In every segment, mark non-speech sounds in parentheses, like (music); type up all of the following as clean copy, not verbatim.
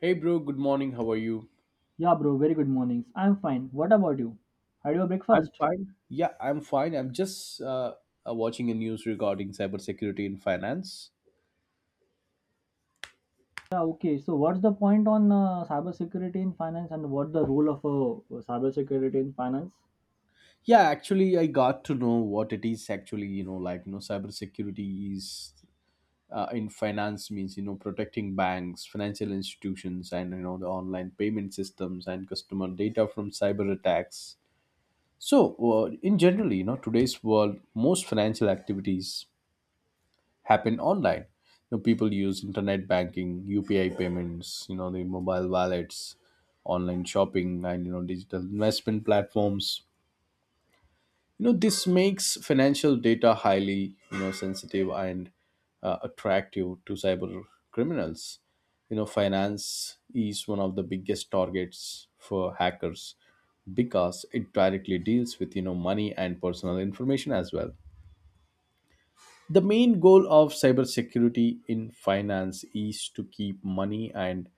Hey, bro. Good morning. How are you? Yeah, bro, very good mornings. I'm fine. What about you? Had your I'm breakfast? fine. Yeah, I'm fine. I'm just watching a news regarding cybersecurity in finance. Yeah, okay. So, what's the point on cybersecurity in finance and what the role of cybersecurity in finance? Yeah, actually, I got to know what it is actually, you know, like, you know, cybersecurity is in finance means, you know, protecting banks, financial institutions, and, you know, the online payment systems and customer data from cyber attacks. So, in generally, you know, today's world, most financial activities happen online. You know, people use internet banking, UPI payments, you know, the mobile wallets, online shopping, and, you know, digital investment platforms. You know, this makes financial data highly, you know, sensitive and attractive to cyber criminals. You know, finance is one of the biggest targets for hackers, because it directly deals with, you know, money and personal information as well. The main goal of cybersecurity in finance is to keep money and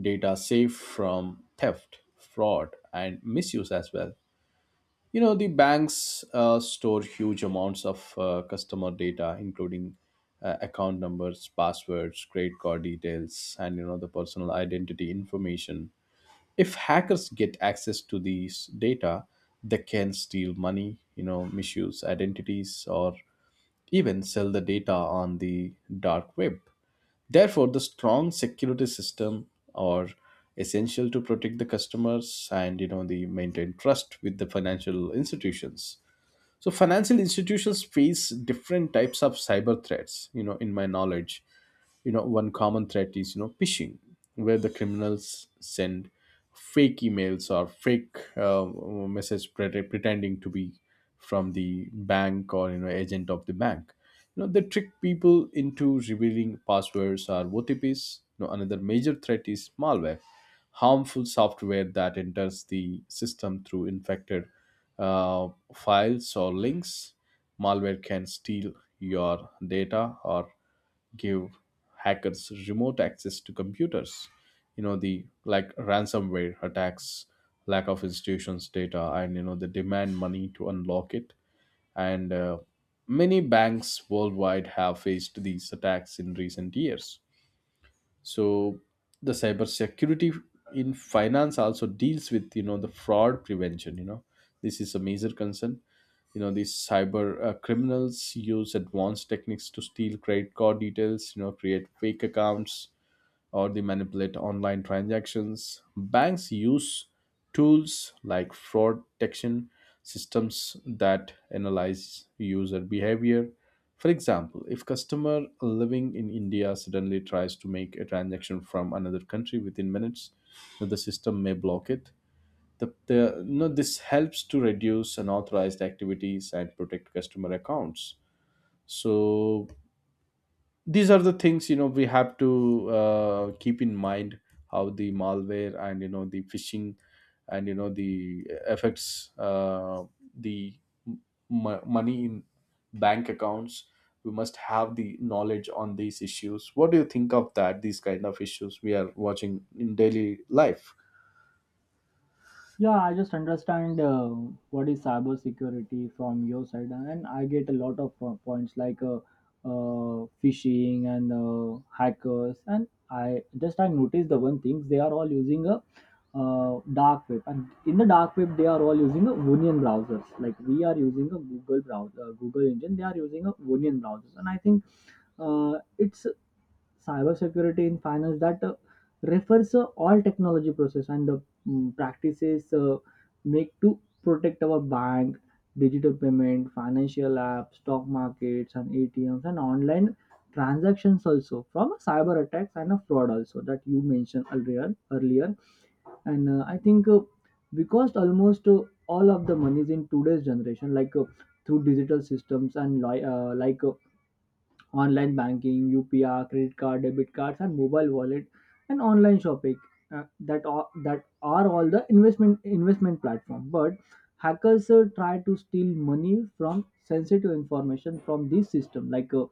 data safe from theft, fraud, and misuse as well. You know, the banks store huge amounts of customer data, including account numbers, passwords, credit card details, and, you know, the personal identity information. If hackers get access to these data, they can steal money, you know, misuse identities, or even sell the data on the dark web. Therefore, the strong security system are essential to protect the customers and, you know, the maintain trust with the financial institutions. So, financial institutions face different types of cyber threats, you know, in my knowledge. You know, one common threat is, you know, phishing, where the criminals send fake emails or fake message pretending to be from the bank or, you know, agent of the bank. You know, they trick people into revealing passwords or otps. You know, another major threat is malware, harmful software that enters the system through infected uh, files or links. Malware can steal your data or give hackers remote access to computers. You know, the like ransomware attacks lack of institutions data, and you know, they demand money to unlock it. And many banks worldwide have faced these attacks in recent years. So, the cybersecurity in finance also deals with, you know, the fraud prevention. You know, this is a major concern. You know, these cyber criminals use advanced techniques to steal credit card details, you know, create fake accounts, or they manipulate online transactions. Banks use tools like fraud detection systems that analyze user behavior. For example, if customer living in india suddenly tries to make a transaction from another country within minutes, the system may block it. The, you know, this helps to reduce unauthorized activities and protect customer accounts. So, these are the things, you know, we have to keep in mind. How the malware and, you know, the phishing and, you know, the affects the m- money in bank accounts, we must have the knowledge on these issues. What do you think of that? These kind of issues we are watching in daily life. Yeah, I just understand what is cyber security from your side, and I get a lot of points like phishing and hackers. And I just I noticed the one things they are all using a dark web, and in the dark web they are all using a Onion browsers. Like we are using a Google browser, Google engine, they are using a Onion browsers, and I think it's cybersecurity in finance that refers all technology process and the practices make to protect our bank, digital payment, financial apps, stock markets, and ATMs and online transactions also from cyber attacks and a fraud also that you mentioned earlier. And I think because almost all of the monies in today's generation like through digital systems and like online banking, UPI, credit card, debit cards, and mobile wallet, and online shopping. uh, that are all the investment platform. But hackers try to steal money from sensitive information from these system, like uh,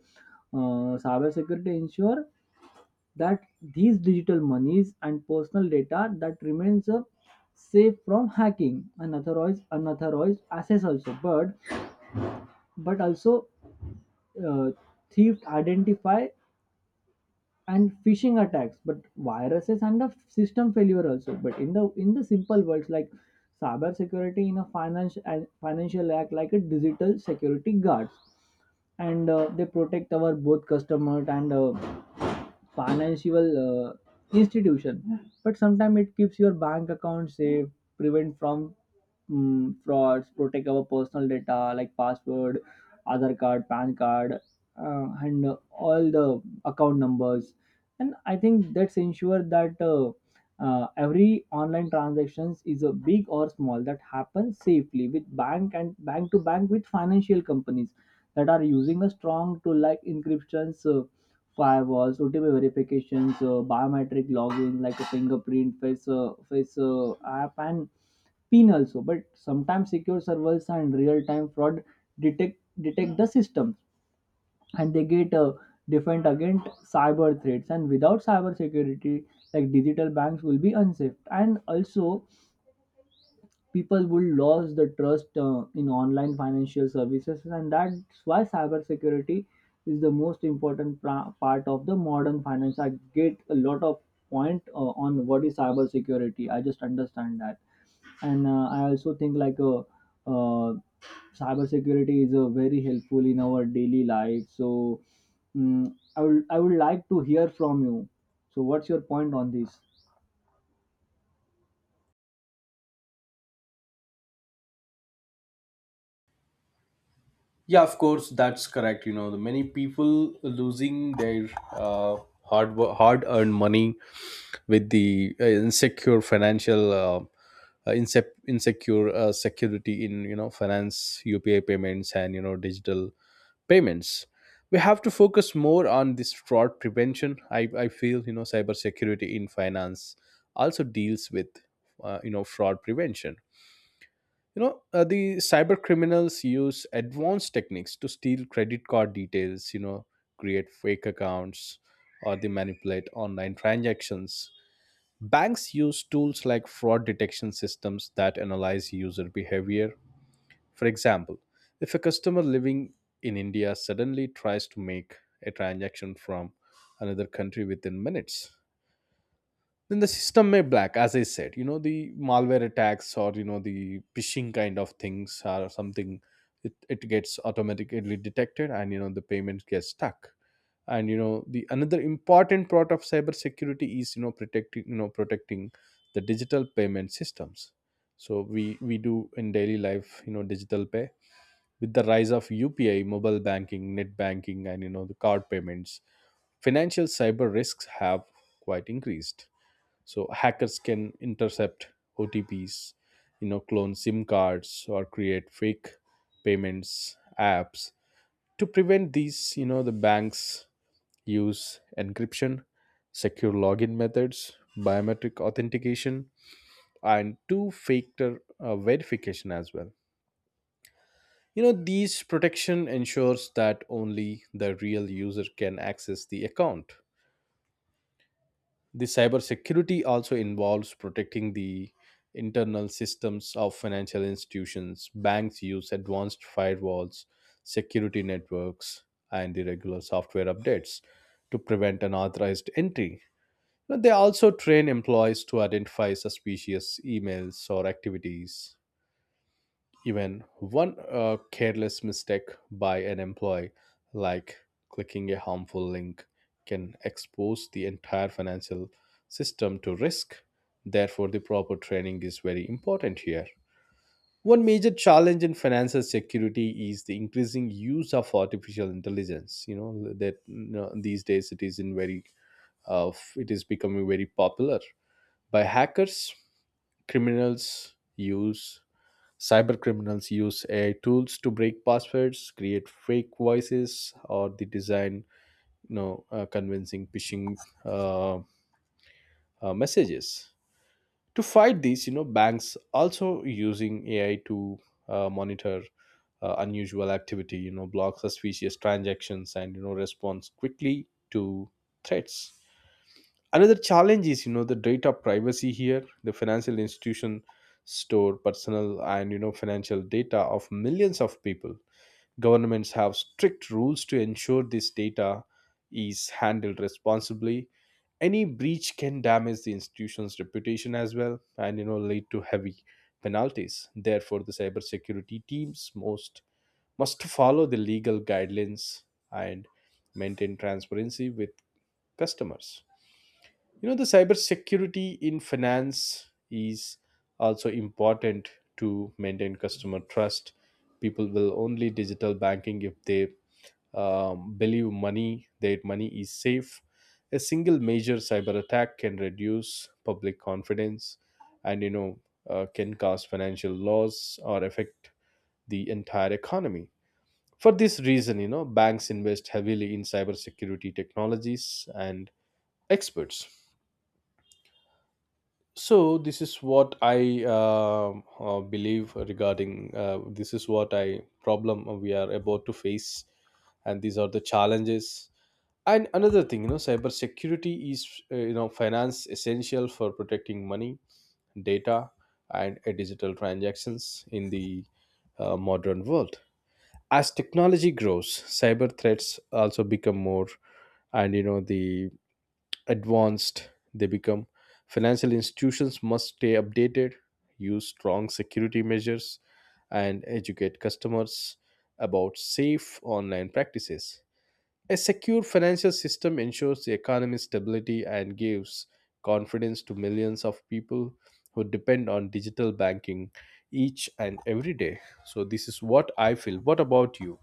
uh, cybersecurity ensure that these digital monies and personal data that remains safe from hacking and authorized unauthorized access also. But also uh, theft identify and phishing attacks but viruses and the system failure also but in the simple words like cyber security in a finance and financial act like a digital security guards and they protect our both customer and financial institution but sometimes it keeps your bank account safe, prevent from frauds, protect our personal data like password, other card, pan card, and all the account numbers. And I think that's ensure that every online transactions is a big or small that happens safely with bank and bank to bank with financial companies that are using a strong to like encryptions, firewalls, otp verifications, biometric login like a fingerprint, face app and pin also, but sometimes secure servers and real time fraud detect detect the systems, and they get defend against cyber threats. And without cyber security like digital banks will be unsafe, and also people will lose the trust in online financial services, and that's why cybersecurity is the most important part of the modern finance. I get a lot of point on what is cybersecurity. I just understand that. And I also think uh, cybersecurity is very helpful in our daily life. So mm I would like to hear from you, so what's your point on this? Yeah, of course, that's correct. You know, the many people losing their hard earned money with the insecure financial insecure security in, you know, finance, UPI payments, and, you know, digital payments. We have to focus more on this fraud prevention. I feel, you know, cybersecurity in finance also deals with you know, fraud prevention. You know, the cyber criminals use advanced techniques to steal credit card details, you know, create fake accounts, or they manipulate online transactions. Banks use tools like fraud detection systems that analyze user behavior. For example, if a customer living in india suddenly tries to make a transaction from another country within minutes, then the system may black. As I said, you know, the malware attacks or, you know, the phishing kind of things are something. It gets automatically detected, and you know, the payment gets stuck. And you know, the another important part of cybersecurity is, you know, protecting the digital payment systems. So we do in daily life, you know, digital pay. With the rise of upi, mobile banking, net banking, and you know, the card payments, financial cyber risks have quite increased. So hackers can intercept OTPs, you know, clone SIM cards or create fake payments apps. To prevent these, you know, the banks use encryption, secure login methods, biometric authentication, and two-factor verification as well. You know, these protection ensures that only the real user can access the account. The cybersecurity also involves protecting the internal systems of financial institutions. Banks use advanced firewalls, security networks, and the regular software updates to prevent unauthorized entry. But they also train employees to identify suspicious emails or activities. Even one careless mistake by an employee, like clicking a harmful link, can expose the entire financial system to risk. Therefore, the proper training is very important here. One major challenge in financial security is the increasing use of artificial intelligence. You know that, you know, these days it is in very, uh, it is becoming very popular by hackers. Criminals use Cybercriminals use AI tools to break passwords, create fake voices, or they design, you know, convincing phishing uh, messages. To fight these, you know, banks also using AI to monitor unusual activity, you know, block suspicious transactions, and you know, responds quickly to threats. Another challenge is, you know, the data privacy here. The financial institution store personal and, you know, financial data of millions of people. Governments have strict rules to ensure this data is handled responsibly. Any breach can damage the institution's reputation as well, and you know, lead to heavy penalties. Therefore, the cybersecurity teams most must follow the legal guidelines and maintain transparency with customers. You know, the cybersecurity in finance is also important to maintain customer trust. People will only digital banking if they believe money their money is safe. A single major cyber attack can reduce public confidence, and you know, can cause financial loss or affect the entire economy. For this reason, you know, banks invest heavily in cybersecurity technologies and experts. So this is what I believe regarding. This is what I problem we are about to face, and these are the challenges. And another thing, you know, cybersecurity is, you know, finance essential for protecting money, data, and digital transactions in the modern world. As technology grows, cyber threats also become more, and you know, the advanced they become. Financial institutions must stay updated, use strong security measures, and educate customers about safe online practices. A secure financial system ensures the economy's stability and gives confidence to millions of people who depend on digital banking each and every day. So this is what I feel. What about you?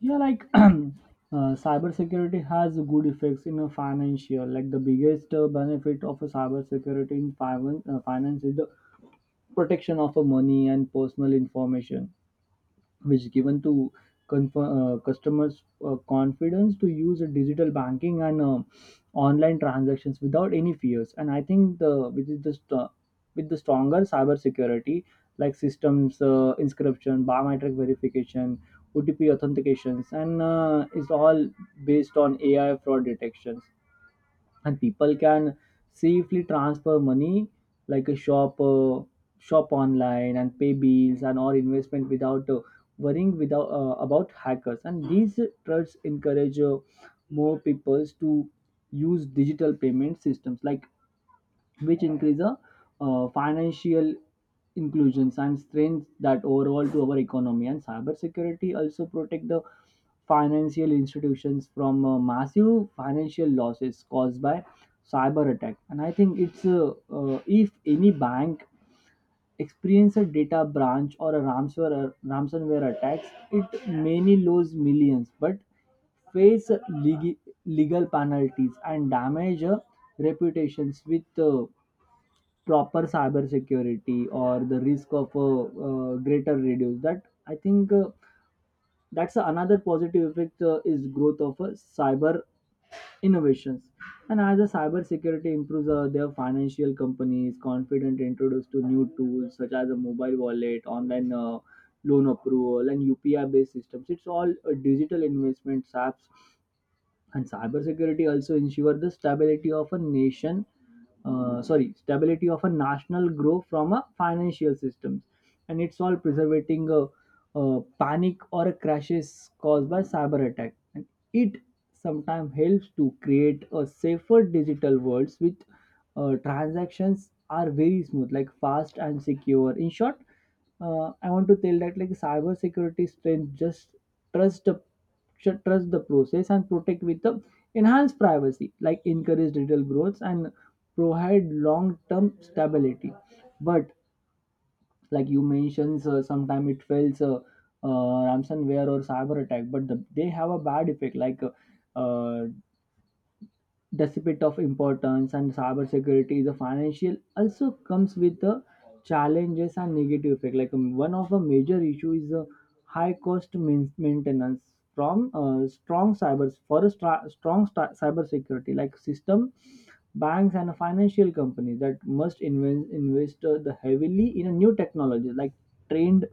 Yeah, like (clears throat) cybersecurity has good effects in a financial. Like the biggest benefit of a cybersecurity in finance, finance is the protection of a money and personal information which given to customers confidence to use a digital banking and online transactions without any fears. And I think the with the with the stronger cyber security like systems, inscription, biometric verification, otp authentications, and it's all based on ai fraud detections, and people can safely transfer money like a shop online and pay bills and or investment without worrying, without about hackers. And these trusts encourage more people to use digital payment systems like which increase the financial inclusions and strength that overall to our economy. And cybersecurity also protect the financial institutions from massive financial losses caused by cyber attack. And I think it's if any bank experience a data branch or a ransomware attacks, it many lose millions but face legal, legal penalties and damage reputations. With proper cyber security or the risk of a greater reduce that. I think that's another positive effect is growth of cyber innovations. And as a cyber security improves, their financial companies confident introduce to new tools such as a mobile wallet, online loan approval, and upi based systems. It's all digital investment apps. And cybersecurity also ensure the stability of a nation, sorry, stability of a national growth from a financial systems. And it's all preserving panic or crashes caused by cyber attack, and it sometimes helps to create a safer digital world with transactions are very smooth like fast and secure. In short, I want to tell that like cyber security strength just trust the should trust the process and protect with the enhanced privacy, like encourage digital growth and provide long term stability. But like you mentioned, sometime it fails ransomware or cyber attack, but the, they have a bad effect. Like uh, despite of importance and cybersecurity the financial also comes with the challenges and negative effect, like one of the major issue is the high cost maintenance from strong cyber for a cybersecurity like system. Banks and financial companies that must invest the heavily in a new technology like trained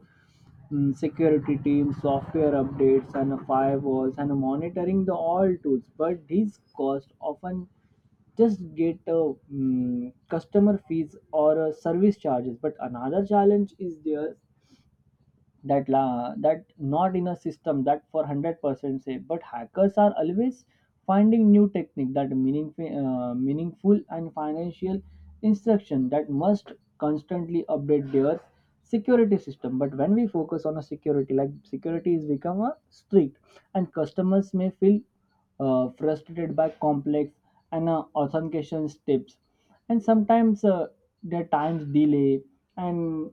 security teams, software updates, and firewalls, and monitoring the all tools. But these costs often just get customer fees or service charges. But another challenge is there that that not in a system that for 100% say, but hackers are always finding new technique that meaningful and financial instruction that must constantly update their security system. But when we focus on a security like security is become a strict, and customers may feel frustrated by complex and authentication steps, and sometimes their times delay and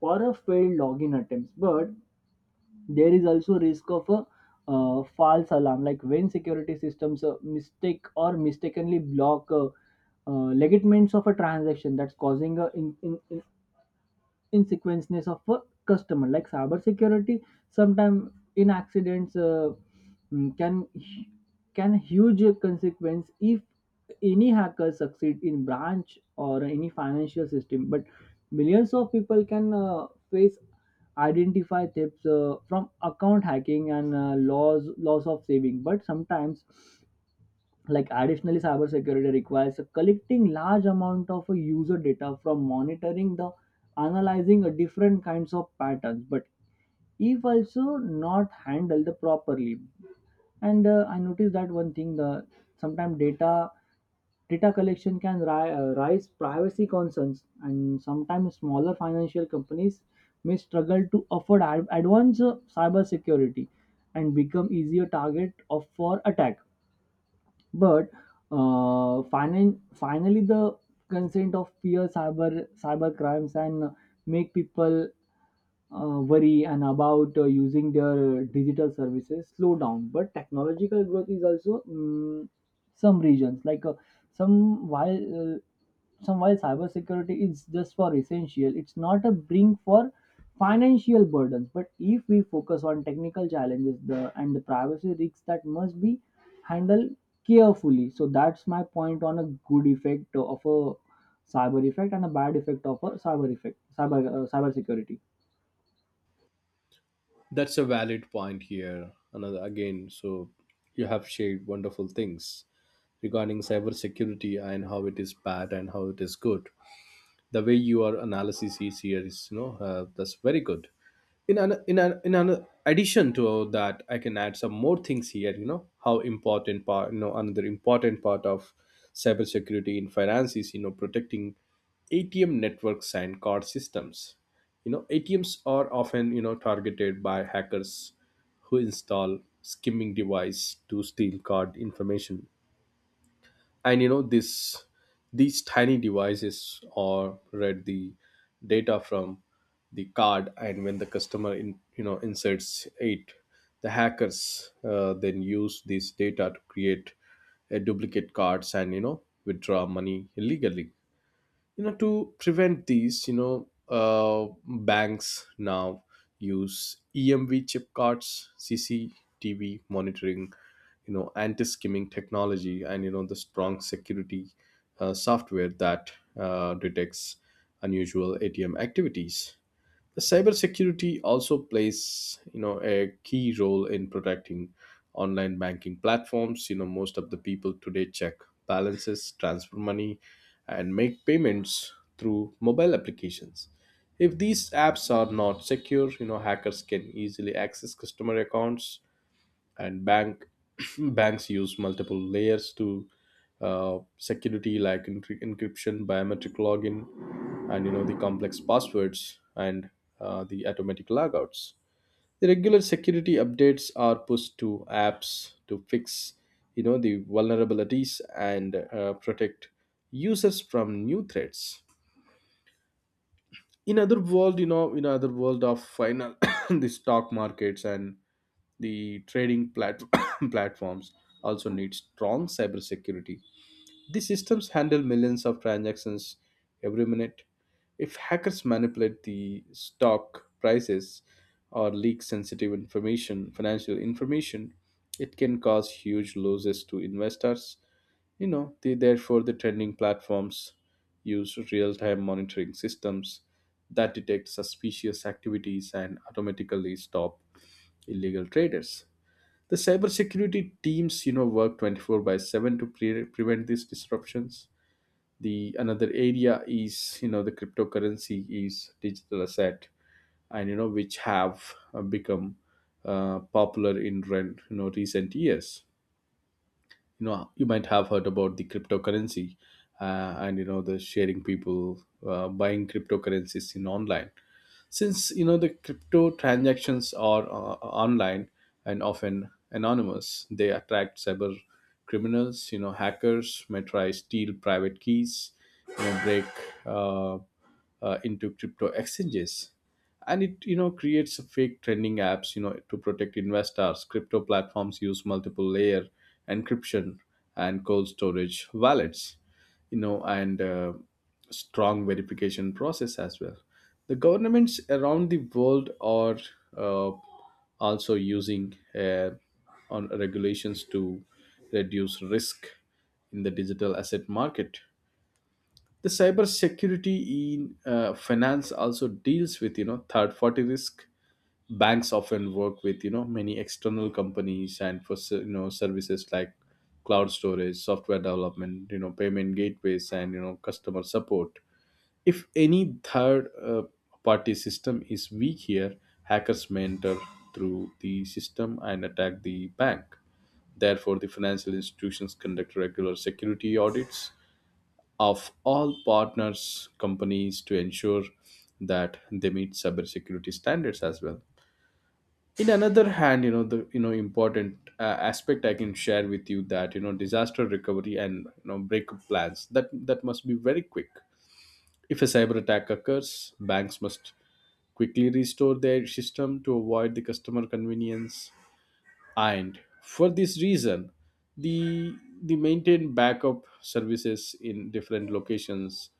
for a failed login attempts. But there is also risk of a false alarm, like when security systems mistake or mistakenly block legitimates of a transaction, that's causing a in insequences of a customer. Like cybersecurity sometimes in accidents mm, can can huge consequence if any hacker succeed in branch or any financial system, but millions of people can face identify thefts from account hacking and loss of saving. But sometimes like additionally cybersecurity requires collecting large amount of user data from monitoring the analyzing a different kinds of patterns. But if also not handled properly, and I noticed that one thing, the sometimes data collection can raise privacy concerns, and sometimes smaller financial companies may struggle to afford advanced cyber security and become easier target of for attack. But finally the consent of fear cyber crimes and make people worry and about using their digital services slow down. But technological growth is also some regions like some while uh, some while cybersecurity is just for essential, it's not a bring for financial burdens. But if we focus on technical challenges the, and the privacy risks that must be handled carefully. So that's my point on a good effect of a cyber effect and a bad effect of a cyber effect, cyber security. That's a valid point here. Another again, so you have shared wonderful things regarding cybersecurity and how it is bad and how it is good. The way your analysis is here is, you know, that's very good. In an addition to that, I can add some more things here. You know, another important part of cybersecurity in finance is, you know, protecting atm networks and card systems. You know, atms are often, you know, targeted by hackers who install skimming device to steal card information. And you know, this these tiny devices or read the data from the card, and when the customer in, you know, inserts it, the hackers then use this data to create a duplicate cards and, you know, withdraw money illegally. You know, to prevent these, you know, banks now use emv chip cards, cctv monitoring, you know, anti-skimming technology, and you know, the strong security software that detects unusual atm activities. The cybersecurity also plays, you know, a key role in protecting online banking platforms. You know, most of the people today check balances, transfer money, and make payments through mobile applications. If these apps are not secure, you know, hackers can easily access customer accounts and bank (clears throat) banks use multiple layers to security, like encryption, biometric login, and you know, the complex passwords, and the automatic logouts. The regular security updates are pushed to apps to fix, you know, the vulnerabilities and protect users from new threats. In other world, you know, in other world of final (coughs) the stock markets and the (coughs) platforms also need strong cybersecurity. These systems handle millions of transactions every minute. If hackers manipulate the stock prices or leak sensitive information, financial information, it can cause huge losses to investors. You know, therefore, the trading platforms use real-time monitoring systems that detect suspicious activities and automatically stop illegal traders. The cybersecurity teams, you know, work 24 by 7 to prevent these disruptions. The another area is, you know, the cryptocurrency is digital asset, and you know, which have become popular in recent years. You know, you might have heard about the cryptocurrency, and you know, the sharing people buying cryptocurrencies in online since you know the crypto transactions are online and often anonymous, they attract cyber criminals. You know, hackers may try steal private keys you know break uh, into crypto exchanges and it, you know, creates a fake trending apps. You know, to protect investors, crypto platforms use multiple layer encryption and cold storage wallets, you know, and strong verification process as well. The governments around the world are uh, also using on regulations to reduce risk in the digital asset market. The cyber security in finance also deals with, you know, third party risk. Banks often work with, you know, many external companies and for services like cloud storage, software development, you know, payment gateways, and you know, customer support. If any third party system is weak here, hackers may enter through the system and attack the bank. Therefore, the financial institutions conduct regular security audits of all partners companies to ensure that they meet cybersecurity standards as well. In another hand, you know, the important aspect I can share with you, that you know, disaster recovery and you know, breakup plans, that must be very quick. If a cyber attack occurs, banks must quickly restore their system to avoid the customer convenience. And for this reason, the the maintain backup services in different locations,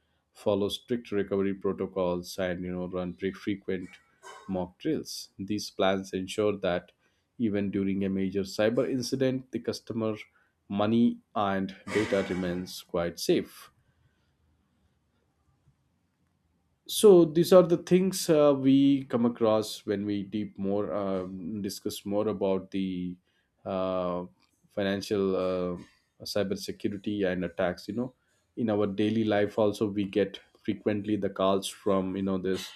follow strict recovery protocols, and you know, run frequent mock drills. These plans ensure that even during a major cyber incident, the customer money and data remains quite safe. So these are the things we come across when we deep more discuss more about the uh, financial cybersecurity and attacks, you know. In our daily life also, we get frequently the calls from, you know, this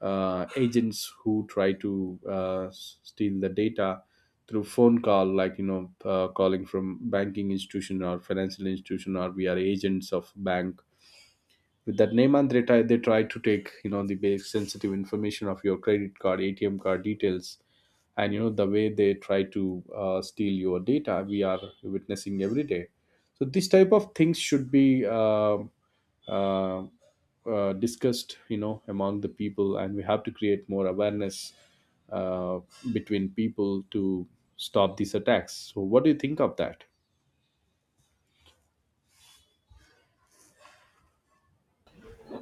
agents who try to steal the data through phone call, like, you know, calling from banking institution or financial institution, or we are agents of bank with that name, and they try to take, you know, the basic sensitive information of your credit card, ATM card details. And you know the way they try to steal your data, we are witnessing every day. So this type of things should be uh, discussed, you know, among the people, and we have to create more awareness uh, between people to stop these attacks. So what do you think of that?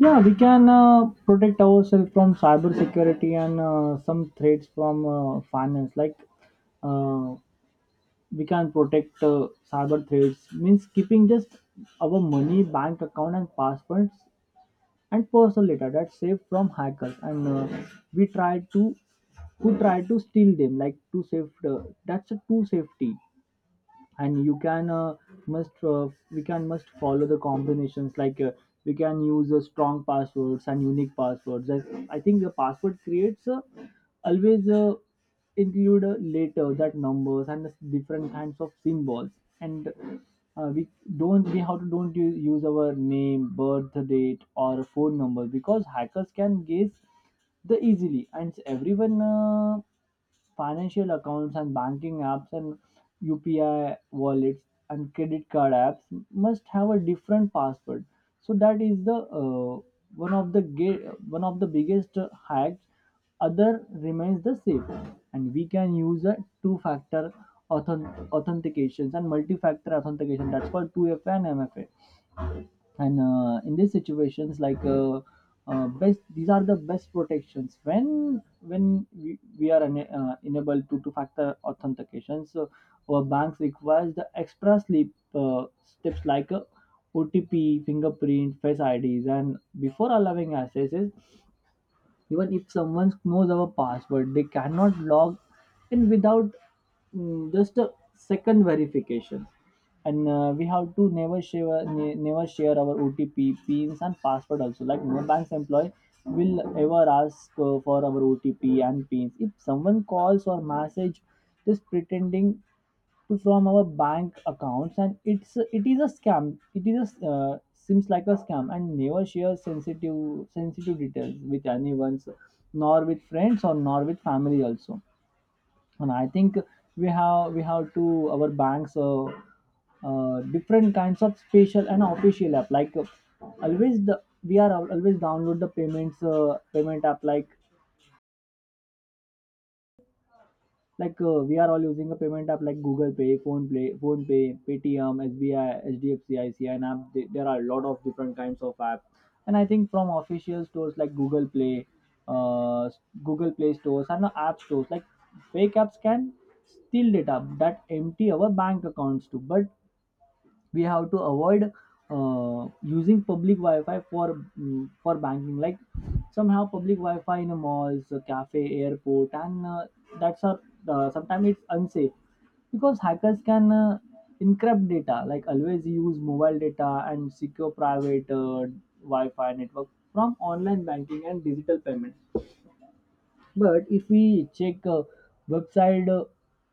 Yeah, we can protect ourselves from cyber security and some threats from finance. Like uh, we can protect cyber threats means keeping just our money, bank account, and passwords and personal data that's saved from hackers. And we try to who try to steal them, like to save that's a true safety. And you can must we can must follow the combinations like we can use strong passwords and unique passwords. I think the password creates always include letters that numbers and different kinds of symbols. And we don't we how to don't use our name, birth date, or phone number, because hackers can guess the easily. And everyone financial accounts and banking apps and UPI wallets and credit card apps must have a different password. So that is the one of the ga- one of the biggest hacks. Other remains the same, and we can use a two-factor authentications and multi-factor authentication. That's called 2FA and MFA, and in these situations like best these are the best protections when we are enable to two factor authentication. So our banks requires the extra sleep steps OTP, fingerprint, Face IDs and before allowing access. Even if someone knows our password, they cannot log in without just a second verification. And we have to never share never share our OTP, pins and password also. Like, no bank's employee will ever ask for our OTP and pins. If someone calls or message just pretending to from our bank accounts, and it is a scam. It is a, seems like a scam. And never share sensitive details with anyone, nor with friends or nor with family also. And I think we have to our banks different kinds of special and official app, always the we are al- always download the payment app, like, we are all using a payment app like Google Pay, Phone Pay, Paytm, SBI, HDFC, ICI and app. There are a lot of different kinds of app, and I think from official stores like Google Play, uh, Google Play Stores and the App Stores. Like fake apps can steal data that empty our bank accounts too. But we have to avoid using public wi-fi for for banking. Like, somehow public wi-fi in a malls, a cafe, airport and that's a, sometimes it's unsafe because hackers can encrypt data. Like, always use mobile data and secure private wi-fi network from online banking and digital payment. But if we check website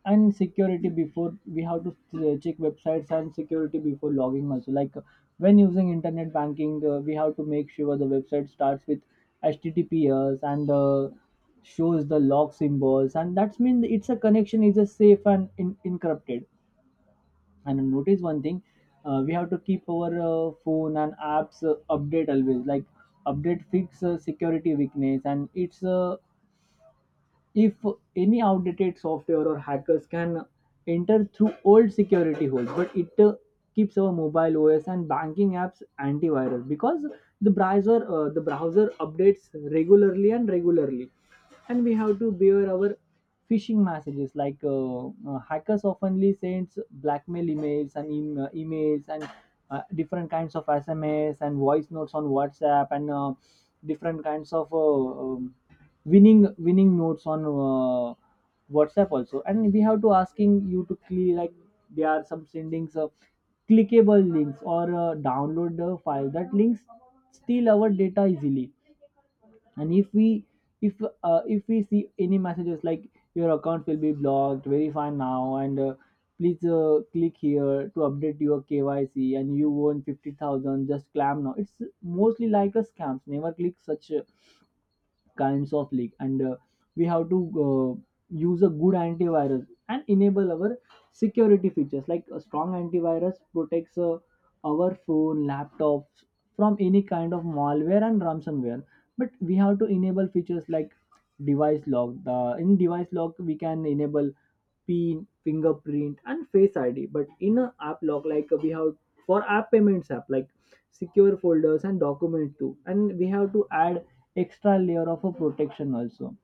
and security before we have to check websites and security before logging also. When using internet banking, we have to make sure the website starts with https, and shows the log symbols, and that's mean it's a connection is a safe and encrypted. And notice one thing, we have to keep our phone and apps update always. Like, update fix security weakness, and it's if any outdated software or hackers can enter through old security holes. But it uh, keeps our mobile OS and banking apps antivirus, because the browser updates regularly. And we have to beware our phishing messages. Like, hackers oftenly sends blackmail emails and emails and different kinds of SMS and voice notes on WhatsApp, and different kinds of winning notes on WhatsApp also. And we have to asking you to click. Like, there are some sendings of clickable links or download the file, that links steal our data easily. And if we if uh, if we see any messages like, your account will be blocked, verify now, and please click here to update your KYC, and you won 50,000, just clam now, it's mostly like a scams. Never click such kinds of leak. And uh, we have to uh, use a good antivirus and enable our security features. Like, a strong antivirus protects our phone, laptops from any kind of malware and ransomware. But we have to enable features like device log. The in device log, we can enable PIN, fingerprint, and Face ID. But in a app lock, like we have for app, payments app, like secure folders and document too, and we have to add extra layer of a protection also.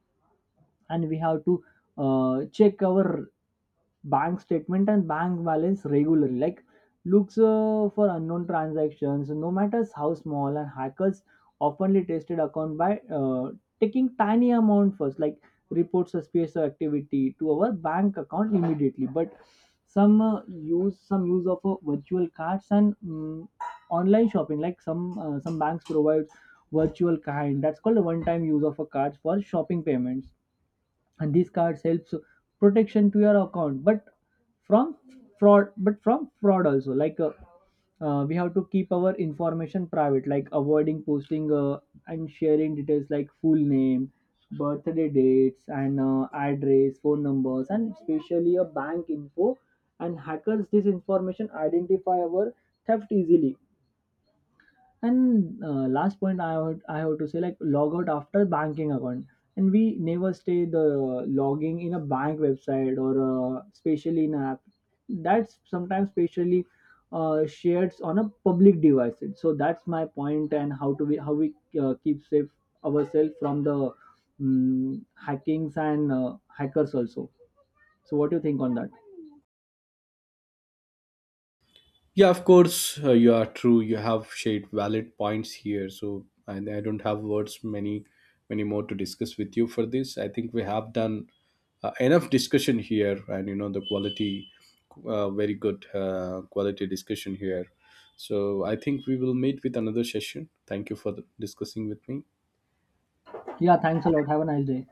And we have to check our bank statement and bank balance regularly. Like, looks for unknown transactions, no matter how small, and hackers oftenly tested account by taking tiny amount first. Like, report suspicious activity to our bank account immediately. But some use of virtual cards and online shopping. Like, some banks provide virtual kind, that's called a one time use of a card for shopping payments, and these cards helps protection to your account but from fraud, also. Like, we have to keep our information private. Like, avoiding posting and sharing details like full name, birthday dates and address, phone numbers and especially a bank info, and hackers this information identify our theft easily. And last point I have to say, like log out after banking account, and we never stay the logging in a bank website or especially in an app. That's sometimes especially shared on a public device. So that's my point and how to be how we keep safe ourselves from the hackings and hackers also. So what do you think on that? Yeah, of course, you are true. You have shared valid points here. So I don't have words many, many more to discuss with you for this. I think we have done enough discussion here, and you know the quality, very good quality discussion here. So I think we will meet with another session. Thank you for the, discussing with me. Yeah, thanks a lot. Have a nice day.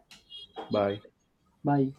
Bye. Bye.